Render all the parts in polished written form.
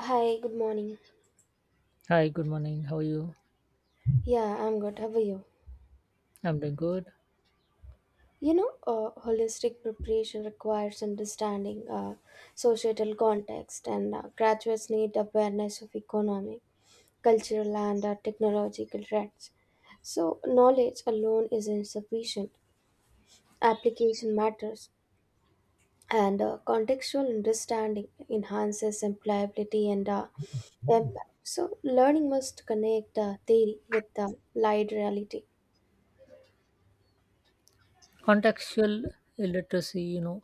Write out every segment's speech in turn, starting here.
Hi, good morning. Hi, good morning. How are you? Yeah, I'm good. How are you? I'm doing good. Holistic preparation requires understanding societal context, and graduates need awareness of economic, cultural, and technological trends. So, knowledge alone is insufficient. Application matters, and contextual understanding enhances employability and impact. So, learning must connect theory with lived reality. Contextual illiteracy,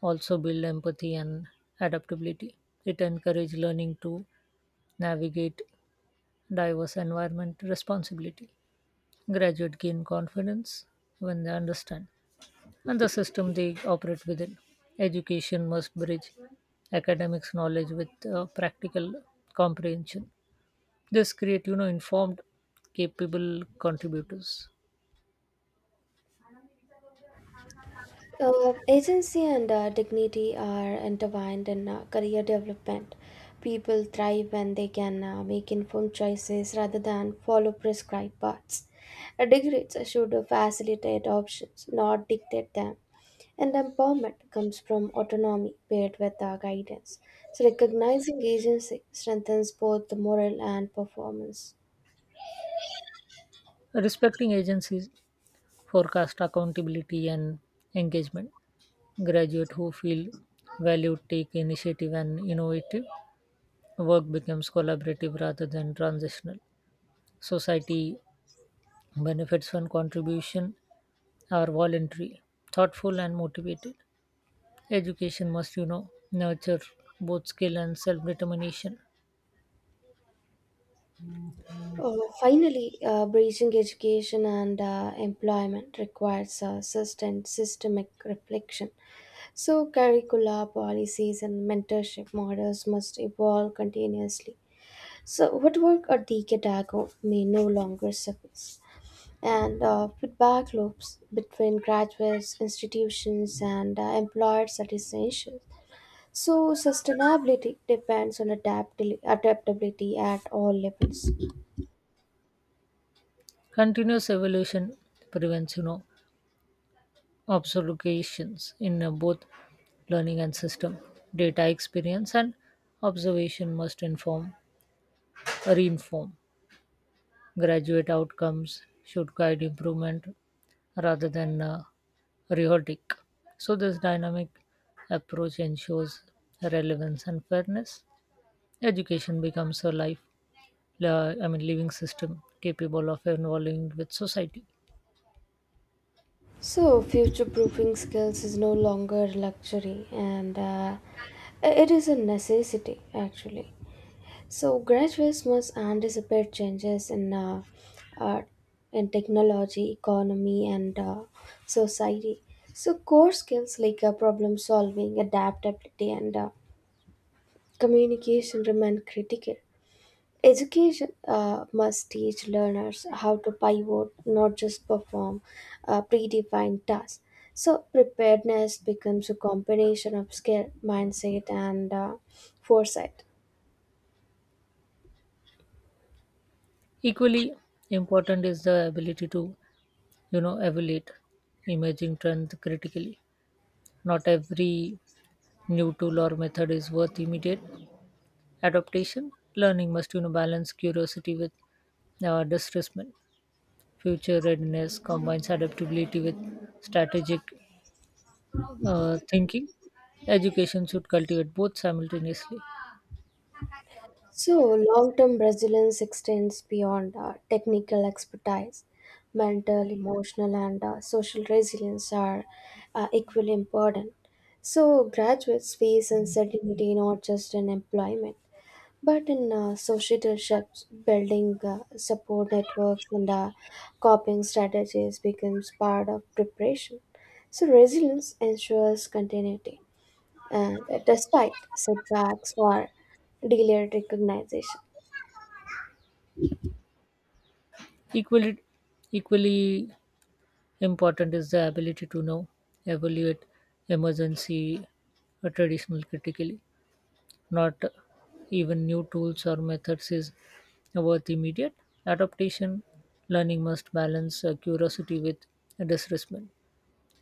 also build empathy and adaptability. It encourages learning to navigate diverse environment responsibility. Graduate gain confidence when they understand and the system they operate within. Education must bridge academics knowledge with practical comprehension. This create, informed, capable contributors. Agency and dignity are intertwined in career development. People thrive when they can make informed choices rather than follow prescribed paths. Degrees should facilitate options, not dictate them. And empowerment comes from autonomy paired with guidance. So, recognizing agency strengthens both the moral and performance. Respecting agencies forecast accountability and engagement. Graduates who feel valued take initiative and innovative. Work becomes collaborative rather than transitional. Society benefits when contribution are voluntary, thoughtful, and motivated. Education must, nurture both skill and self determination. Finally, bridging education and employment requires sustained systemic reflection. So, curricula, policies, and mentorship models must evolve continuously. So, what worked a decade ago may no longer suffice. And feedback loops between graduates, institutions, and employers are essential. So, sustainability depends on adaptability at all levels. Continuous evolution prevents, observations in both learning and system. Data experience and observation must inform, reinform. Graduate outcomes should guide improvement rather than rhetoric. So, this dynamic approach ensures relevance and fairness. Education becomes a life, I mean, living system capable of evolving with society. So, future proofing skills is no longer a luxury and it is a necessity actually. So, graduates must anticipate changes uh, in technology, economy, and society. So, core skills like problem solving, adaptability, and communication remain critical. Education must teach learners how to pivot, not just perform predefined tasks. So, preparedness becomes a combination of skill, mindset, and foresight. Equally important is the ability to, evaluate emerging trends critically. Not every new tool or method is worth immediate adaptation. Learning must, balance curiosity with distressment. Future readiness combines adaptability with strategic thinking. Education should cultivate both simultaneously. So, long term resilience extends beyond technical expertise. Mental, emotional, and social resilience are equally important. So, graduates face uncertainty not just in employment, but in societorships, building support networks and coping strategies becomes part of preparation. So, resilience ensures continuity and despite setbacks or delayed recognition. Equally, equally important is the ability to know, evaluate emergency traditional critically. Not even new tools or methods is worth immediate adaptation. Learning must balance curiosity with disrespect.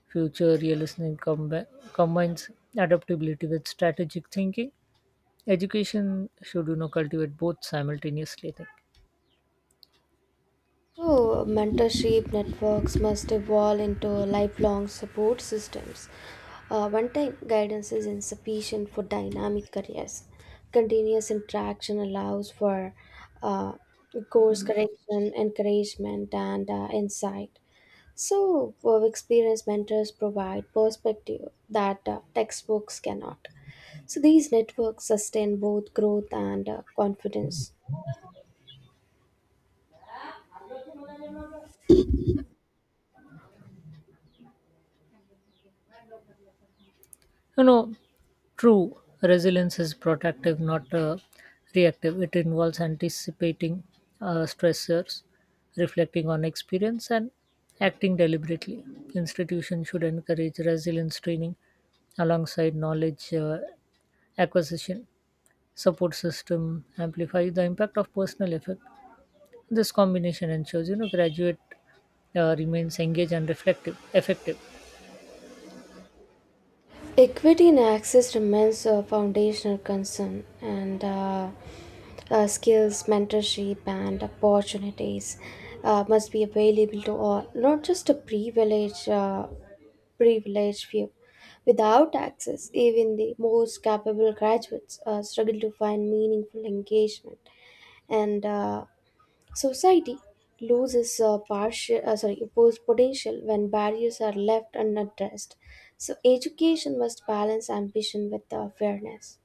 Future realism combines adaptability with strategic thinking. Education should cultivate both simultaneously. I think So, mentorship networks must evolve into lifelong support systems. One time guidance is insufficient for dynamic careers. Continuous interaction allows for uh, course correction, encouragement, and insight. So, experienced mentors provide perspective that textbooks cannot. So, these networks sustain both growth and confidence. you know True, resilience is protective, not reactive. It involves anticipating stressors, reflecting on experience, and acting deliberately. Institutions should encourage resilience training alongside knowledge acquisition. Support system amplifies the impact of personal effect. This combination ensures, graduate remains engaged and reflective, effective. Equity in access remains a foundational concern, and skills, mentorship, and opportunities must be available to all, not just a privileged few. Without access, even the most capable graduates struggle to find meaningful engagement, and society loses potential when barriers are left unaddressed. So, education must balance ambition with fairness.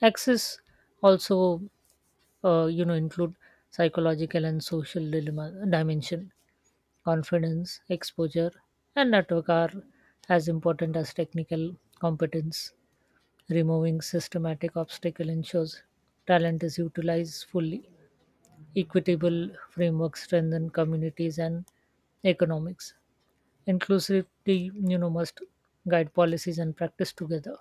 Access also include psychological and social dilemma dimension confidence exposure and network are as important as technical competence removing systematic obstacle ensures talent is utilized fully equitable framework strengthen communities and economics inclusivity must guide policies and practice together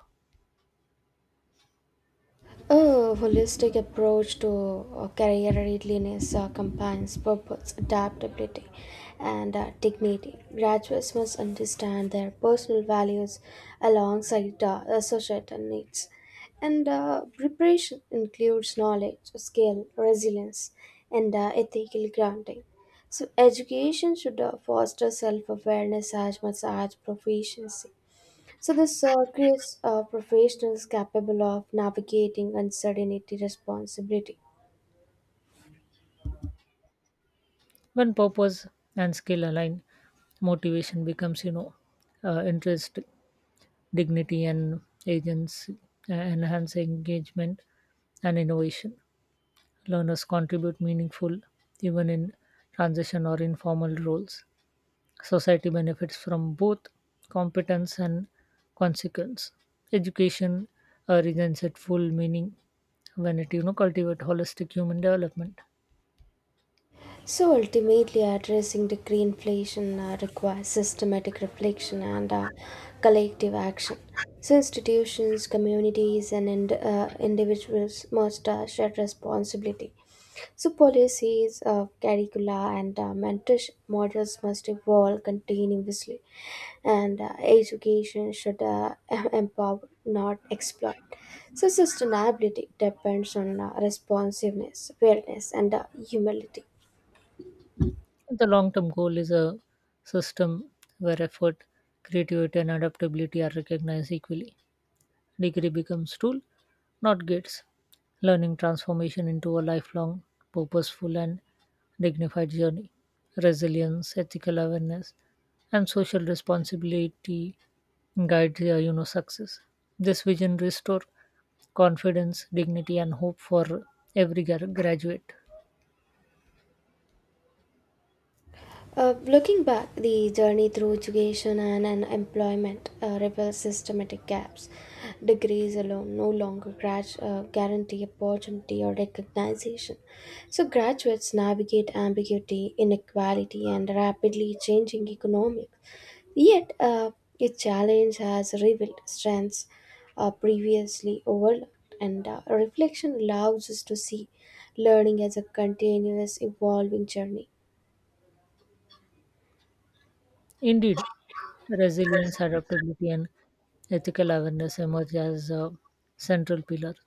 A holistic approach to career readiness combines purpose, adaptability, and dignity. Graduates must understand their personal values alongside the societal needs. And preparation includes knowledge, skill, resilience, and ethical grounding. So, education should foster self awareness as much as proficiency. So, this creates professionals capable of navigating uncertainty responsibility. when purpose and skill align motivation becomes interest dignity and agency, enhance engagement and innovation. Learners contribute meaningful even in transition or informal roles. Society benefits from both competence and consequence. Education regains its full meaning when it cultivate holistic human development. So, ultimately, addressing decree inflation requires systematic reflection and collective action. So, institutions, communities, and individuals must share responsibility. So, policies, curricula, and mentorship models must evolve continuously, and education should empower, not exploit. So, sustainability depends on responsiveness, fairness, and humility. The long-term goal is a system where effort, creativity, and adaptability are recognized equally. Degree becomes tool, not gates. Learning transformation into a lifelong, purposeful and dignified journey. Resilience, ethical awareness, and social responsibility guide success. This vision restore confidence, dignity, and hope for graduate. Looking back, the journey through education and employment reveals systematic gaps. Degrees alone no longer guarantee opportunity or recognition. So, graduates navigate ambiguity, inequality, and rapidly changing economics. Yet, each challenge has revealed strengths previously overlooked, and reflection allows us to see learning as a continuous, evolving journey. Indeed, resilience, adaptability, and ethical awareness emerge as central pillars.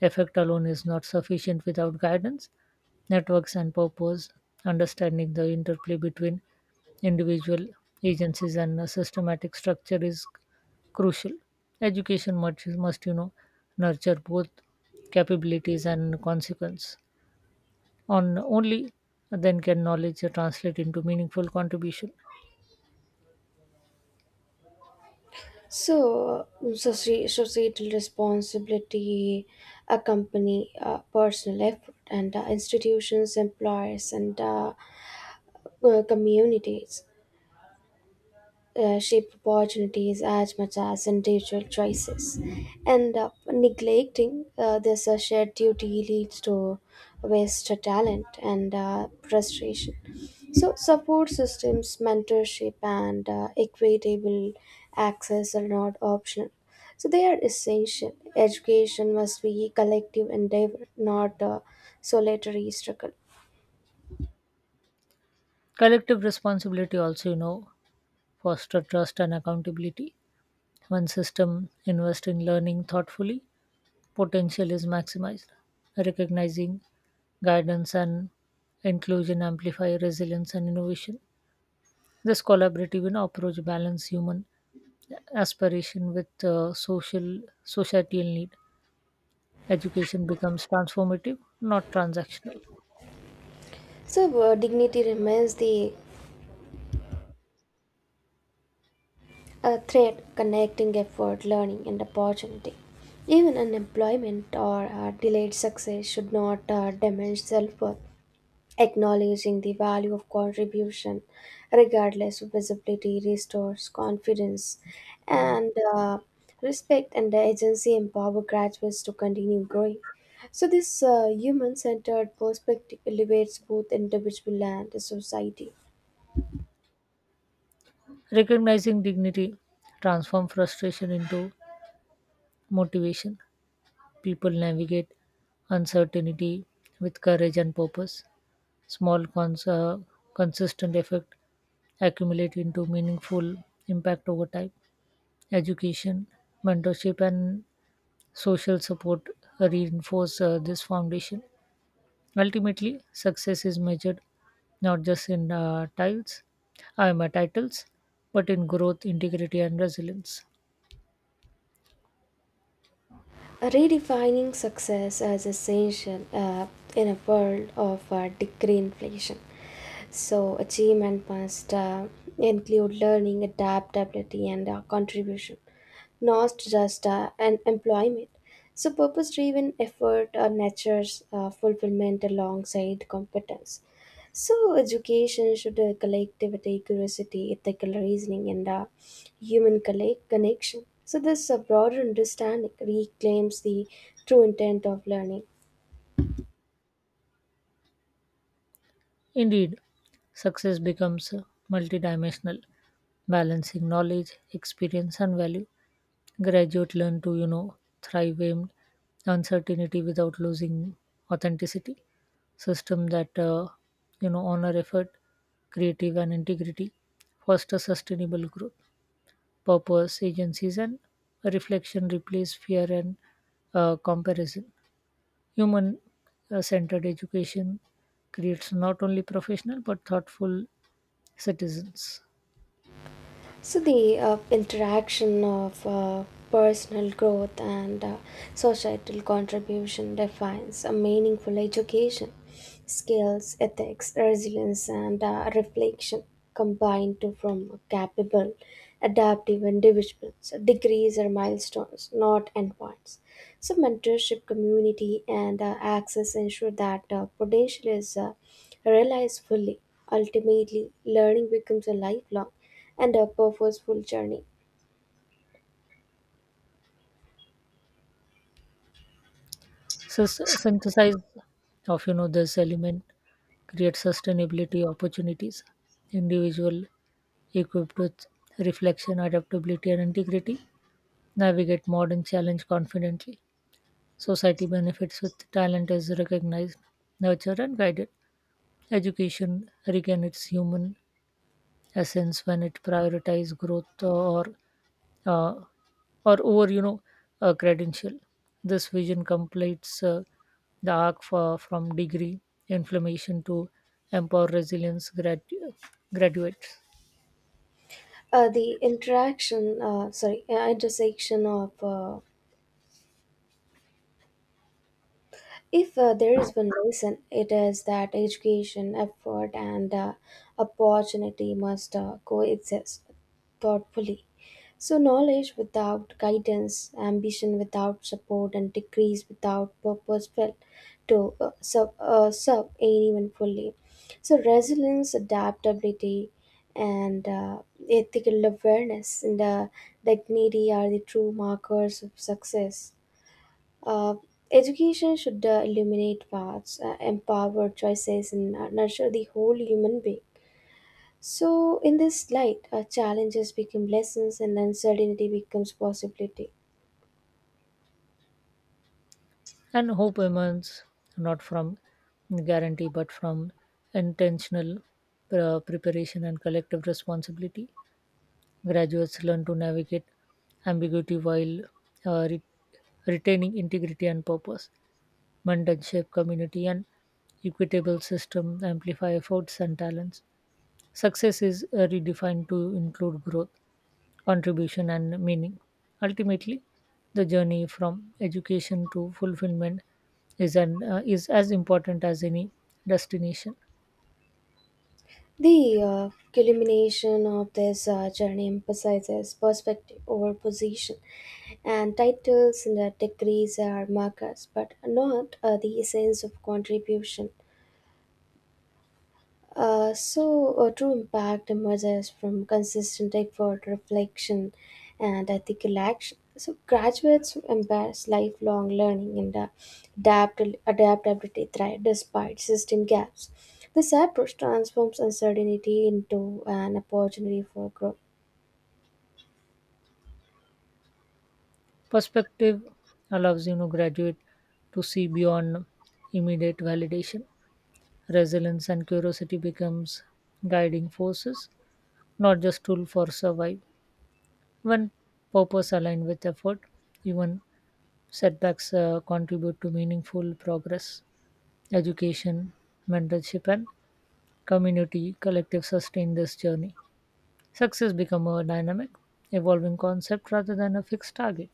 Effect alone is not sufficient without guidance, networks, and purpose. Understanding the interplay between individual agencies and a systematic structure is crucial. Education must, nurture both capabilities and consequence. On only then can knowledge translate into meaningful contribution. So, societal responsibility accompany personal effort, and institutions, employers, and communities shape opportunities as much as individual choices. And neglecting this shared duty leads to waste of talent and frustration. So, support systems, mentorship, and equitable access are not optional. So, they are essential. Education must be collective endeavor, not a solitary struggle. Collective responsibility also, foster trust and accountability. One system invest in learning thoughtfully, potential is maximized. Recognizing guidance and inclusion amplify resilience and innovation. This collaborative approach balance human aspiration with social societal need. Education becomes transformative, not transactional. So, dignity remains the a thread connecting effort, learning, and opportunity. Even unemployment or delayed success should not damage self worth. Acknowledging the value of contribution, regardless of visibility, restores confidence and respect, and the agency empower graduates to continue growing. So, this human centered perspective elevates both individual and the society. Recognizing dignity transform frustration into motivation. People navigate uncertainty with courage and purpose. Small, cons- uh, consistent effect accumulate into meaningful impact over time. Education, mentorship, and social support reinforce this foundation. Ultimately, success is measured not just in tiles, I am a titles, but in growth, integrity, and resilience. Redefining success as essential in a world of decree inflation. So, achievement must include learning, adaptability, and contribution, not just an employment. So, purpose driven effort nurtures fulfillment alongside competence. So, education should collectivity, curiosity, ethical reasoning, and human connection. So, this broader understanding reclaims the true intent of learning. Indeed, success becomes multidimensional, balancing knowledge, experience, and value. Graduate learn to, thrive in uncertainty without losing authenticity. System that, honor effort, creative, and integrity foster sustainable growth. Purpose, agencies, and reflection replace fear and comparison. Human centered education creates not only professional but thoughtful citizens. So, the interaction of personal growth and societal contribution defines a meaningful education. Skills, ethics, resilience, and reflection combine to form a capable, adaptive individuals. Degrees are milestones, not endpoints. So, mentorship, community, and access ensure that potential is realized fully. Ultimately, learning becomes a lifelong and a purposeful journey. So, synthesize of this element creates sustainability opportunities. Individual equipped with reflection, adaptability, and integrity navigate modern challenge confidently. Society benefits with talent is recognized, nurtured, and guided. Education regains its human essence when it prioritizes growth uh, or over a credential. This vision completes the arc for, from degree inflammation to empower resilience graduates, The interaction, sorry, intersection of If there is one lesson, it is that education, effort, and opportunity must coexist thoughtfully. So, knowledge without guidance, ambition without support, and degrees without purpose fail to serve anyone fully. So, resilience, adaptability, and ethical awareness and dignity are the true markers of success. Uh, Education should illuminate paths, empower choices, and nurture the whole human being. So, in this light, challenges become lessons and uncertainty becomes possibility. and hope emerges not from guarantee but from intentional preparation and collective responsibility. Graduates learn to navigate ambiguity while uh, re- retaining integrity and purpose. Mandan shape community and equitable system, amplify efforts and talents. Success is redefined to include growth, contribution, and meaning. Ultimately, the journey from education to fulfillment is an is as important as any destination. The culmination of this journey emphasizes perspective over position, and titles and degrees are markers, but not the essence of contribution. So, a true impact emerges from consistent effort, reflection, and ethical action. So, graduates embrace lifelong learning and adaptability thrive despite system gaps. This approach transforms uncertainty into an opportunity for growth. Perspective allows graduate to see beyond immediate validation. Resilience and curiosity becomes guiding forces, not just tool for survive. When purpose aligned with effort, even setbacks contribute to meaningful progress. Education, mentorship, and community collective sustain this journey. Success become a dynamic, evolving concept rather than a fixed target.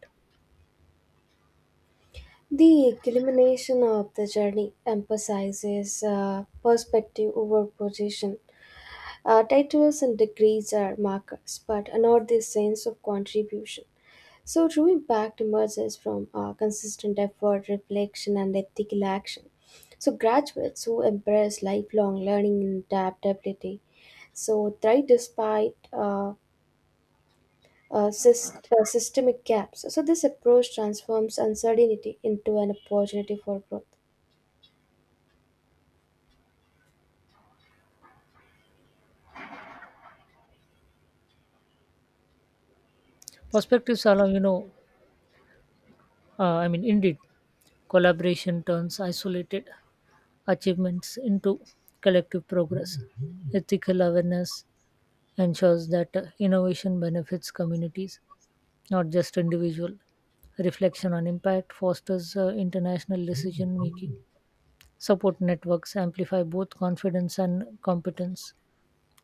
The culmination of the journey emphasizes perspective over position. Titles and degrees are markers, but not the sense of contribution. So, true impact emerges from consistent effort, reflection, and ethical action. So, graduates who embrace lifelong learning and adaptability so thrive despite systemic gaps. So, this approach transforms uncertainty into an opportunity for growth. Perspectives allow I mean, indeed, collaboration turns isolated achievements into collective progress. Ethical awareness ensures that innovation benefits communities not just individual. Reflection on impact fosters international decision making. Support networks amplify both confidence and competence.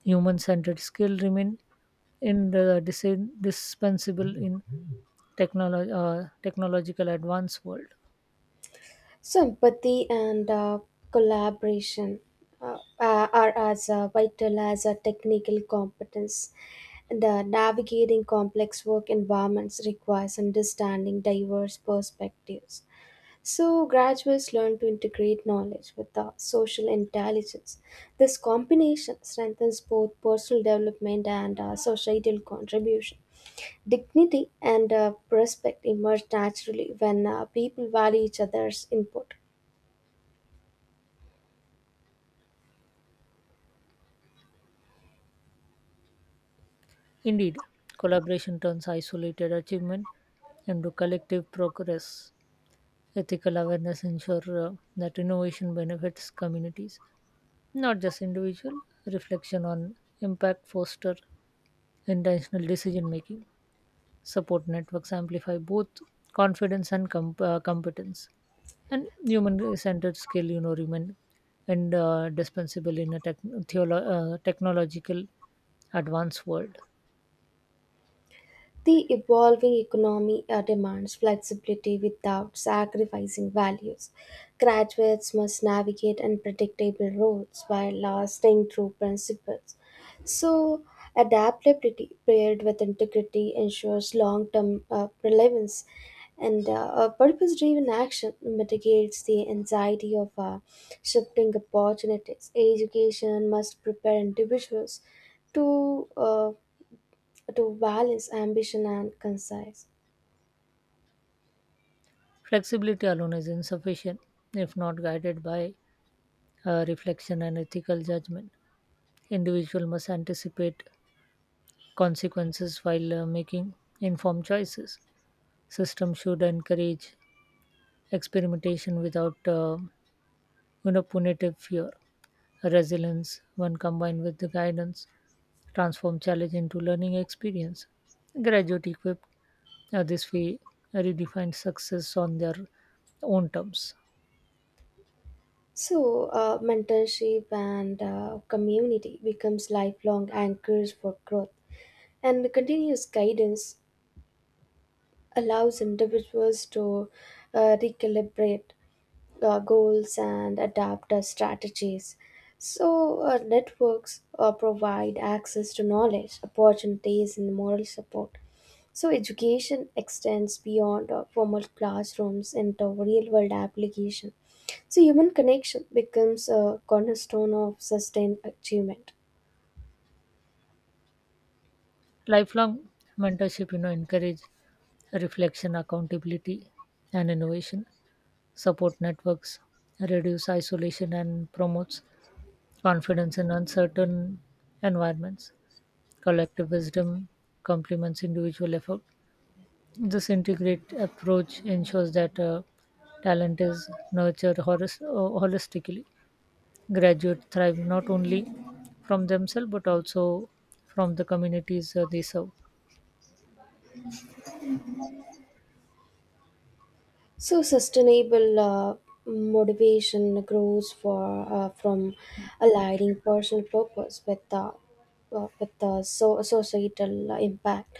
Human centered skill remain indispensable in technolo- technological advanced world. So, empathy and collaboration are as vital as a technical competence. The navigating complex work environments requires understanding diverse perspectives. So, graduates learn to integrate knowledge with the social intelligence. This combination strengthens both personal development and societal contribution. Dignity and respect emerge naturally when people value each other's input. Indeed, collaboration turns isolated achievement into collective progress. Ethical awareness ensure that innovation benefits communities not just individual reflection on impact foster intentional decision making support networks amplify both confidence and competence and human centered skill remain and dispensable in a technological advanced world. The evolving economy demands flexibility without sacrificing values. Graduates must navigate unpredictable roles while staying true principles. So, adaptability paired with integrity ensures long term relevance, and a purpose driven action mitigates the anxiety of shifting opportunities. Education must prepare individuals to uh, to balance ambition and concise. Flexibility alone is insufficient if not guided by reflection and ethical judgment. Individual must anticipate consequences while making informed choices. System should encourage experimentation without punitive fear. Resilience when combined with the guidance transform challenge into learning experience. Graduate equipped this way redefine success on their own terms. So, mentorship and community becomes lifelong anchors for growth, and continuous guidance allows individuals to recalibrate goals and adapt strategies. So, networks provide access to knowledge, opportunities, and moral support. So, education extends beyond formal classrooms into real world application. So, human connection becomes a cornerstone of sustained achievement. Lifelong mentorship encourage reflection accountability and innovation. Support networks reduce isolation and promotes confidence in uncertain environments. Collective wisdom complements individual effort. This integrated approach ensures that talent is nurtured holistically. Graduates thrive not only from themselves but also from the communities they serve. So, sustainable motivation grows for from aligning personal purpose with the societal impact.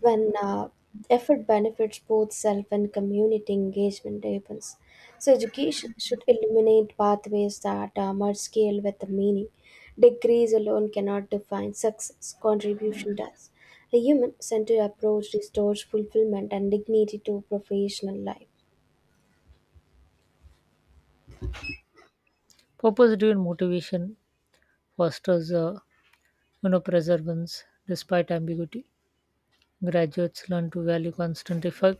When effort benefits both self and community engagement happens. So, education should illuminate pathways that merge scale with the meaning. Degrees alone cannot define success. Contribution does. A human-centered approach restores fulfillment and dignity to professional life. Purpose-driven motivation fosters, perseverance despite ambiguity. Graduates learn to value constant effort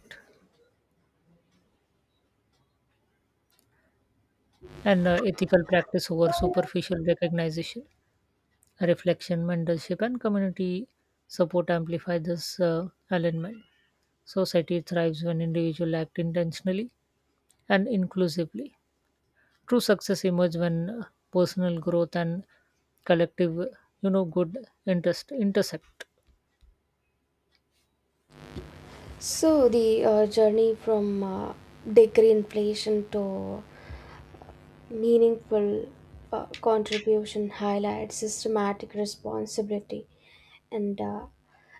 and ethical practice over superficial recognition. Reflection, mentorship, and community support amplify this alignment. Society thrives when individuals act intentionally and inclusively. True success emerges when personal growth and collective, good interest intersect. So, the journey from degree inflation to meaningful contribution highlights systematic responsibility and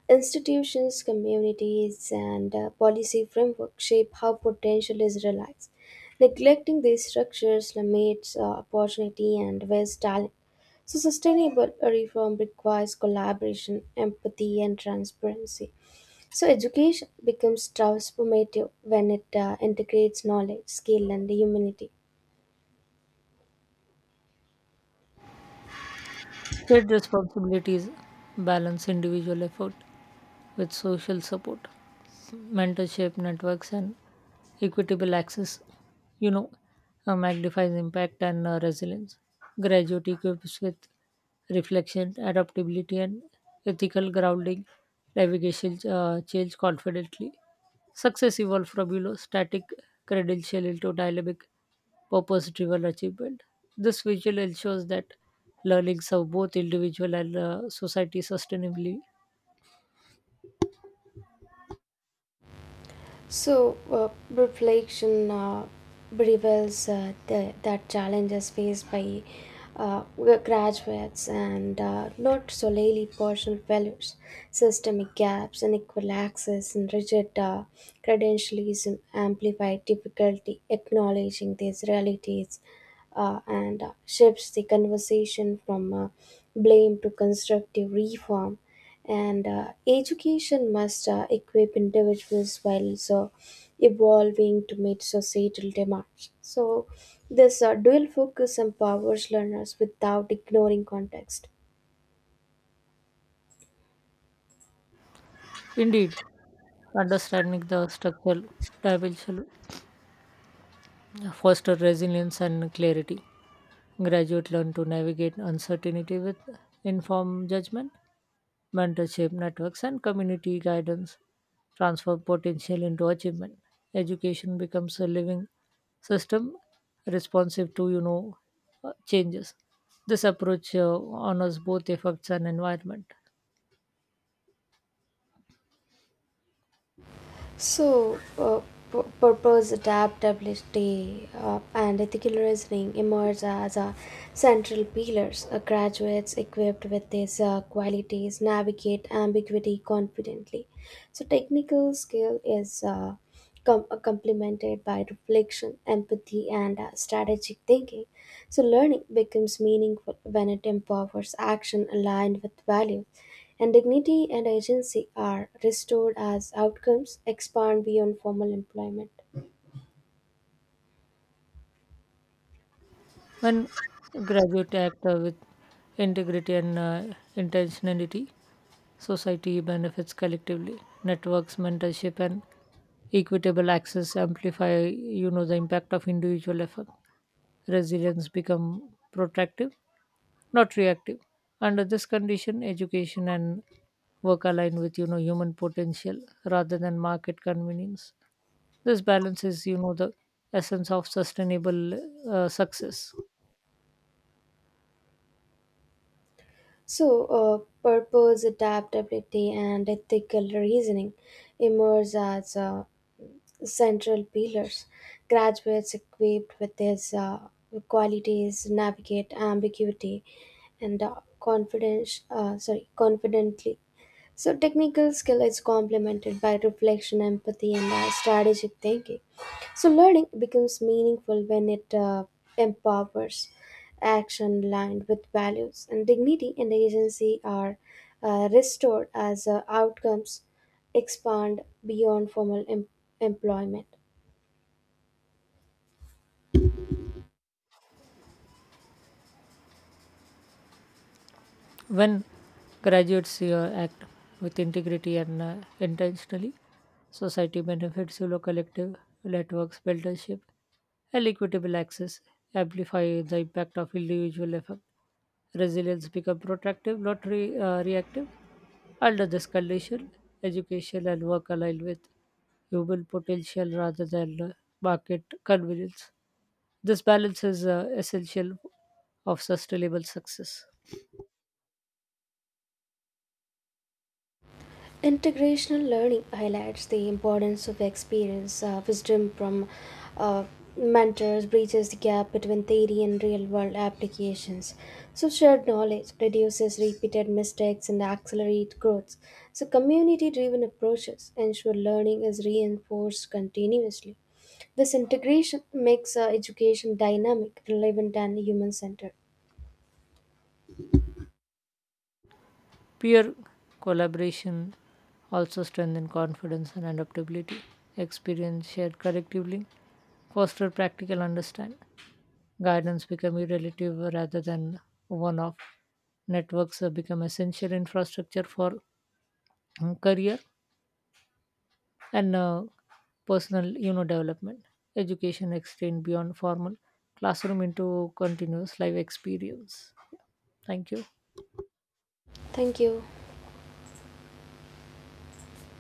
institutions, communities, and policy framework shape how potential is realized. Neglecting these structures limits opportunity and wastes talent. So, sustainable reform requires collaboration, empathy, and transparency. So, education becomes transformative when it integrates knowledge, skill, and humanity. Shared responsibilities balance individual effort with social support. Mentorship networks and equitable access you know magnifies impact and resilience. Graduate equips with reflection adaptability and ethical grounding navigation change confidently. Success evolved from static credential into dynamic purpose driven achievement. This visual ensures that learning serves both individual and society sustainably. So, reflection reveals that challenges faced by uh, graduates and not solely personal values, systemic gaps, unequal access, and rigid credentialism amplify difficulty acknowledging these realities, and shifts the conversation from blame to constructive reform, and education must equip individuals while so evolving to meet societal demands. So, this dual focus empowers learners without ignoring context. Indeed, understanding the structural dimension foster resilience and clarity. Graduate learn to navigate uncertainty with informed judgment, mentorship networks, and community guidance. Transfer potential into achievement. Education becomes a living system responsive to changes. This approach honors both effects and environment. So, purpose, adaptability, and ethical reasoning emerge as central pillars. Graduates equipped with these qualities navigate ambiguity confidently. So, technical skill is complemented by reflection, empathy, and strategic thinking. So, learning becomes meaningful when it empowers action aligned with value, and dignity and agency are restored as outcomes expand beyond formal employment. One graduate act with integrity and intentionality, society benefits collectively. Networks, mentorship, and equitable access amplify, the impact of individual effort. Resilience become protective, not reactive. Under this condition, education and work align with, human potential rather than market convenience. This balance is, the essence of sustainable success. So, purpose, adaptability, and ethical reasoning emerge as central pillars. Graduates equipped with these qualities navigate ambiguity and confidently. So, technical skill is complemented by reflection, empathy, and strategic thinking. So, learning becomes meaningful when it empowers action aligned with values, and dignity and agency are restored as outcomes expand beyond formal employment. When graduates act with integrity and intentionally, society benefits through collective networks, mentorship, and equitable access amplify the impact of individual effort. Resilience become protractive, not reactive. Under this condition, education and work align with human potential rather than market convenience. This balance is essential of sustainable success. Integrational learning highlights the importance of experience. Wisdom from uh, mentors bridges the gap between theory and real world applications. So, shared knowledge reduces repeated mistakes and accelerates growth. So, community driven approaches ensure learning is reinforced continuously. This integration makes education dynamic, relevant, and human centered. Peer collaboration also strengthens confidence and adaptability. Experience shared collectively foster practical understanding. Guidance become relative rather than one-off. Networks become essential infrastructure for career and personal development. Education extend beyond formal classroom into continuous life experience. Thank you. Thank you.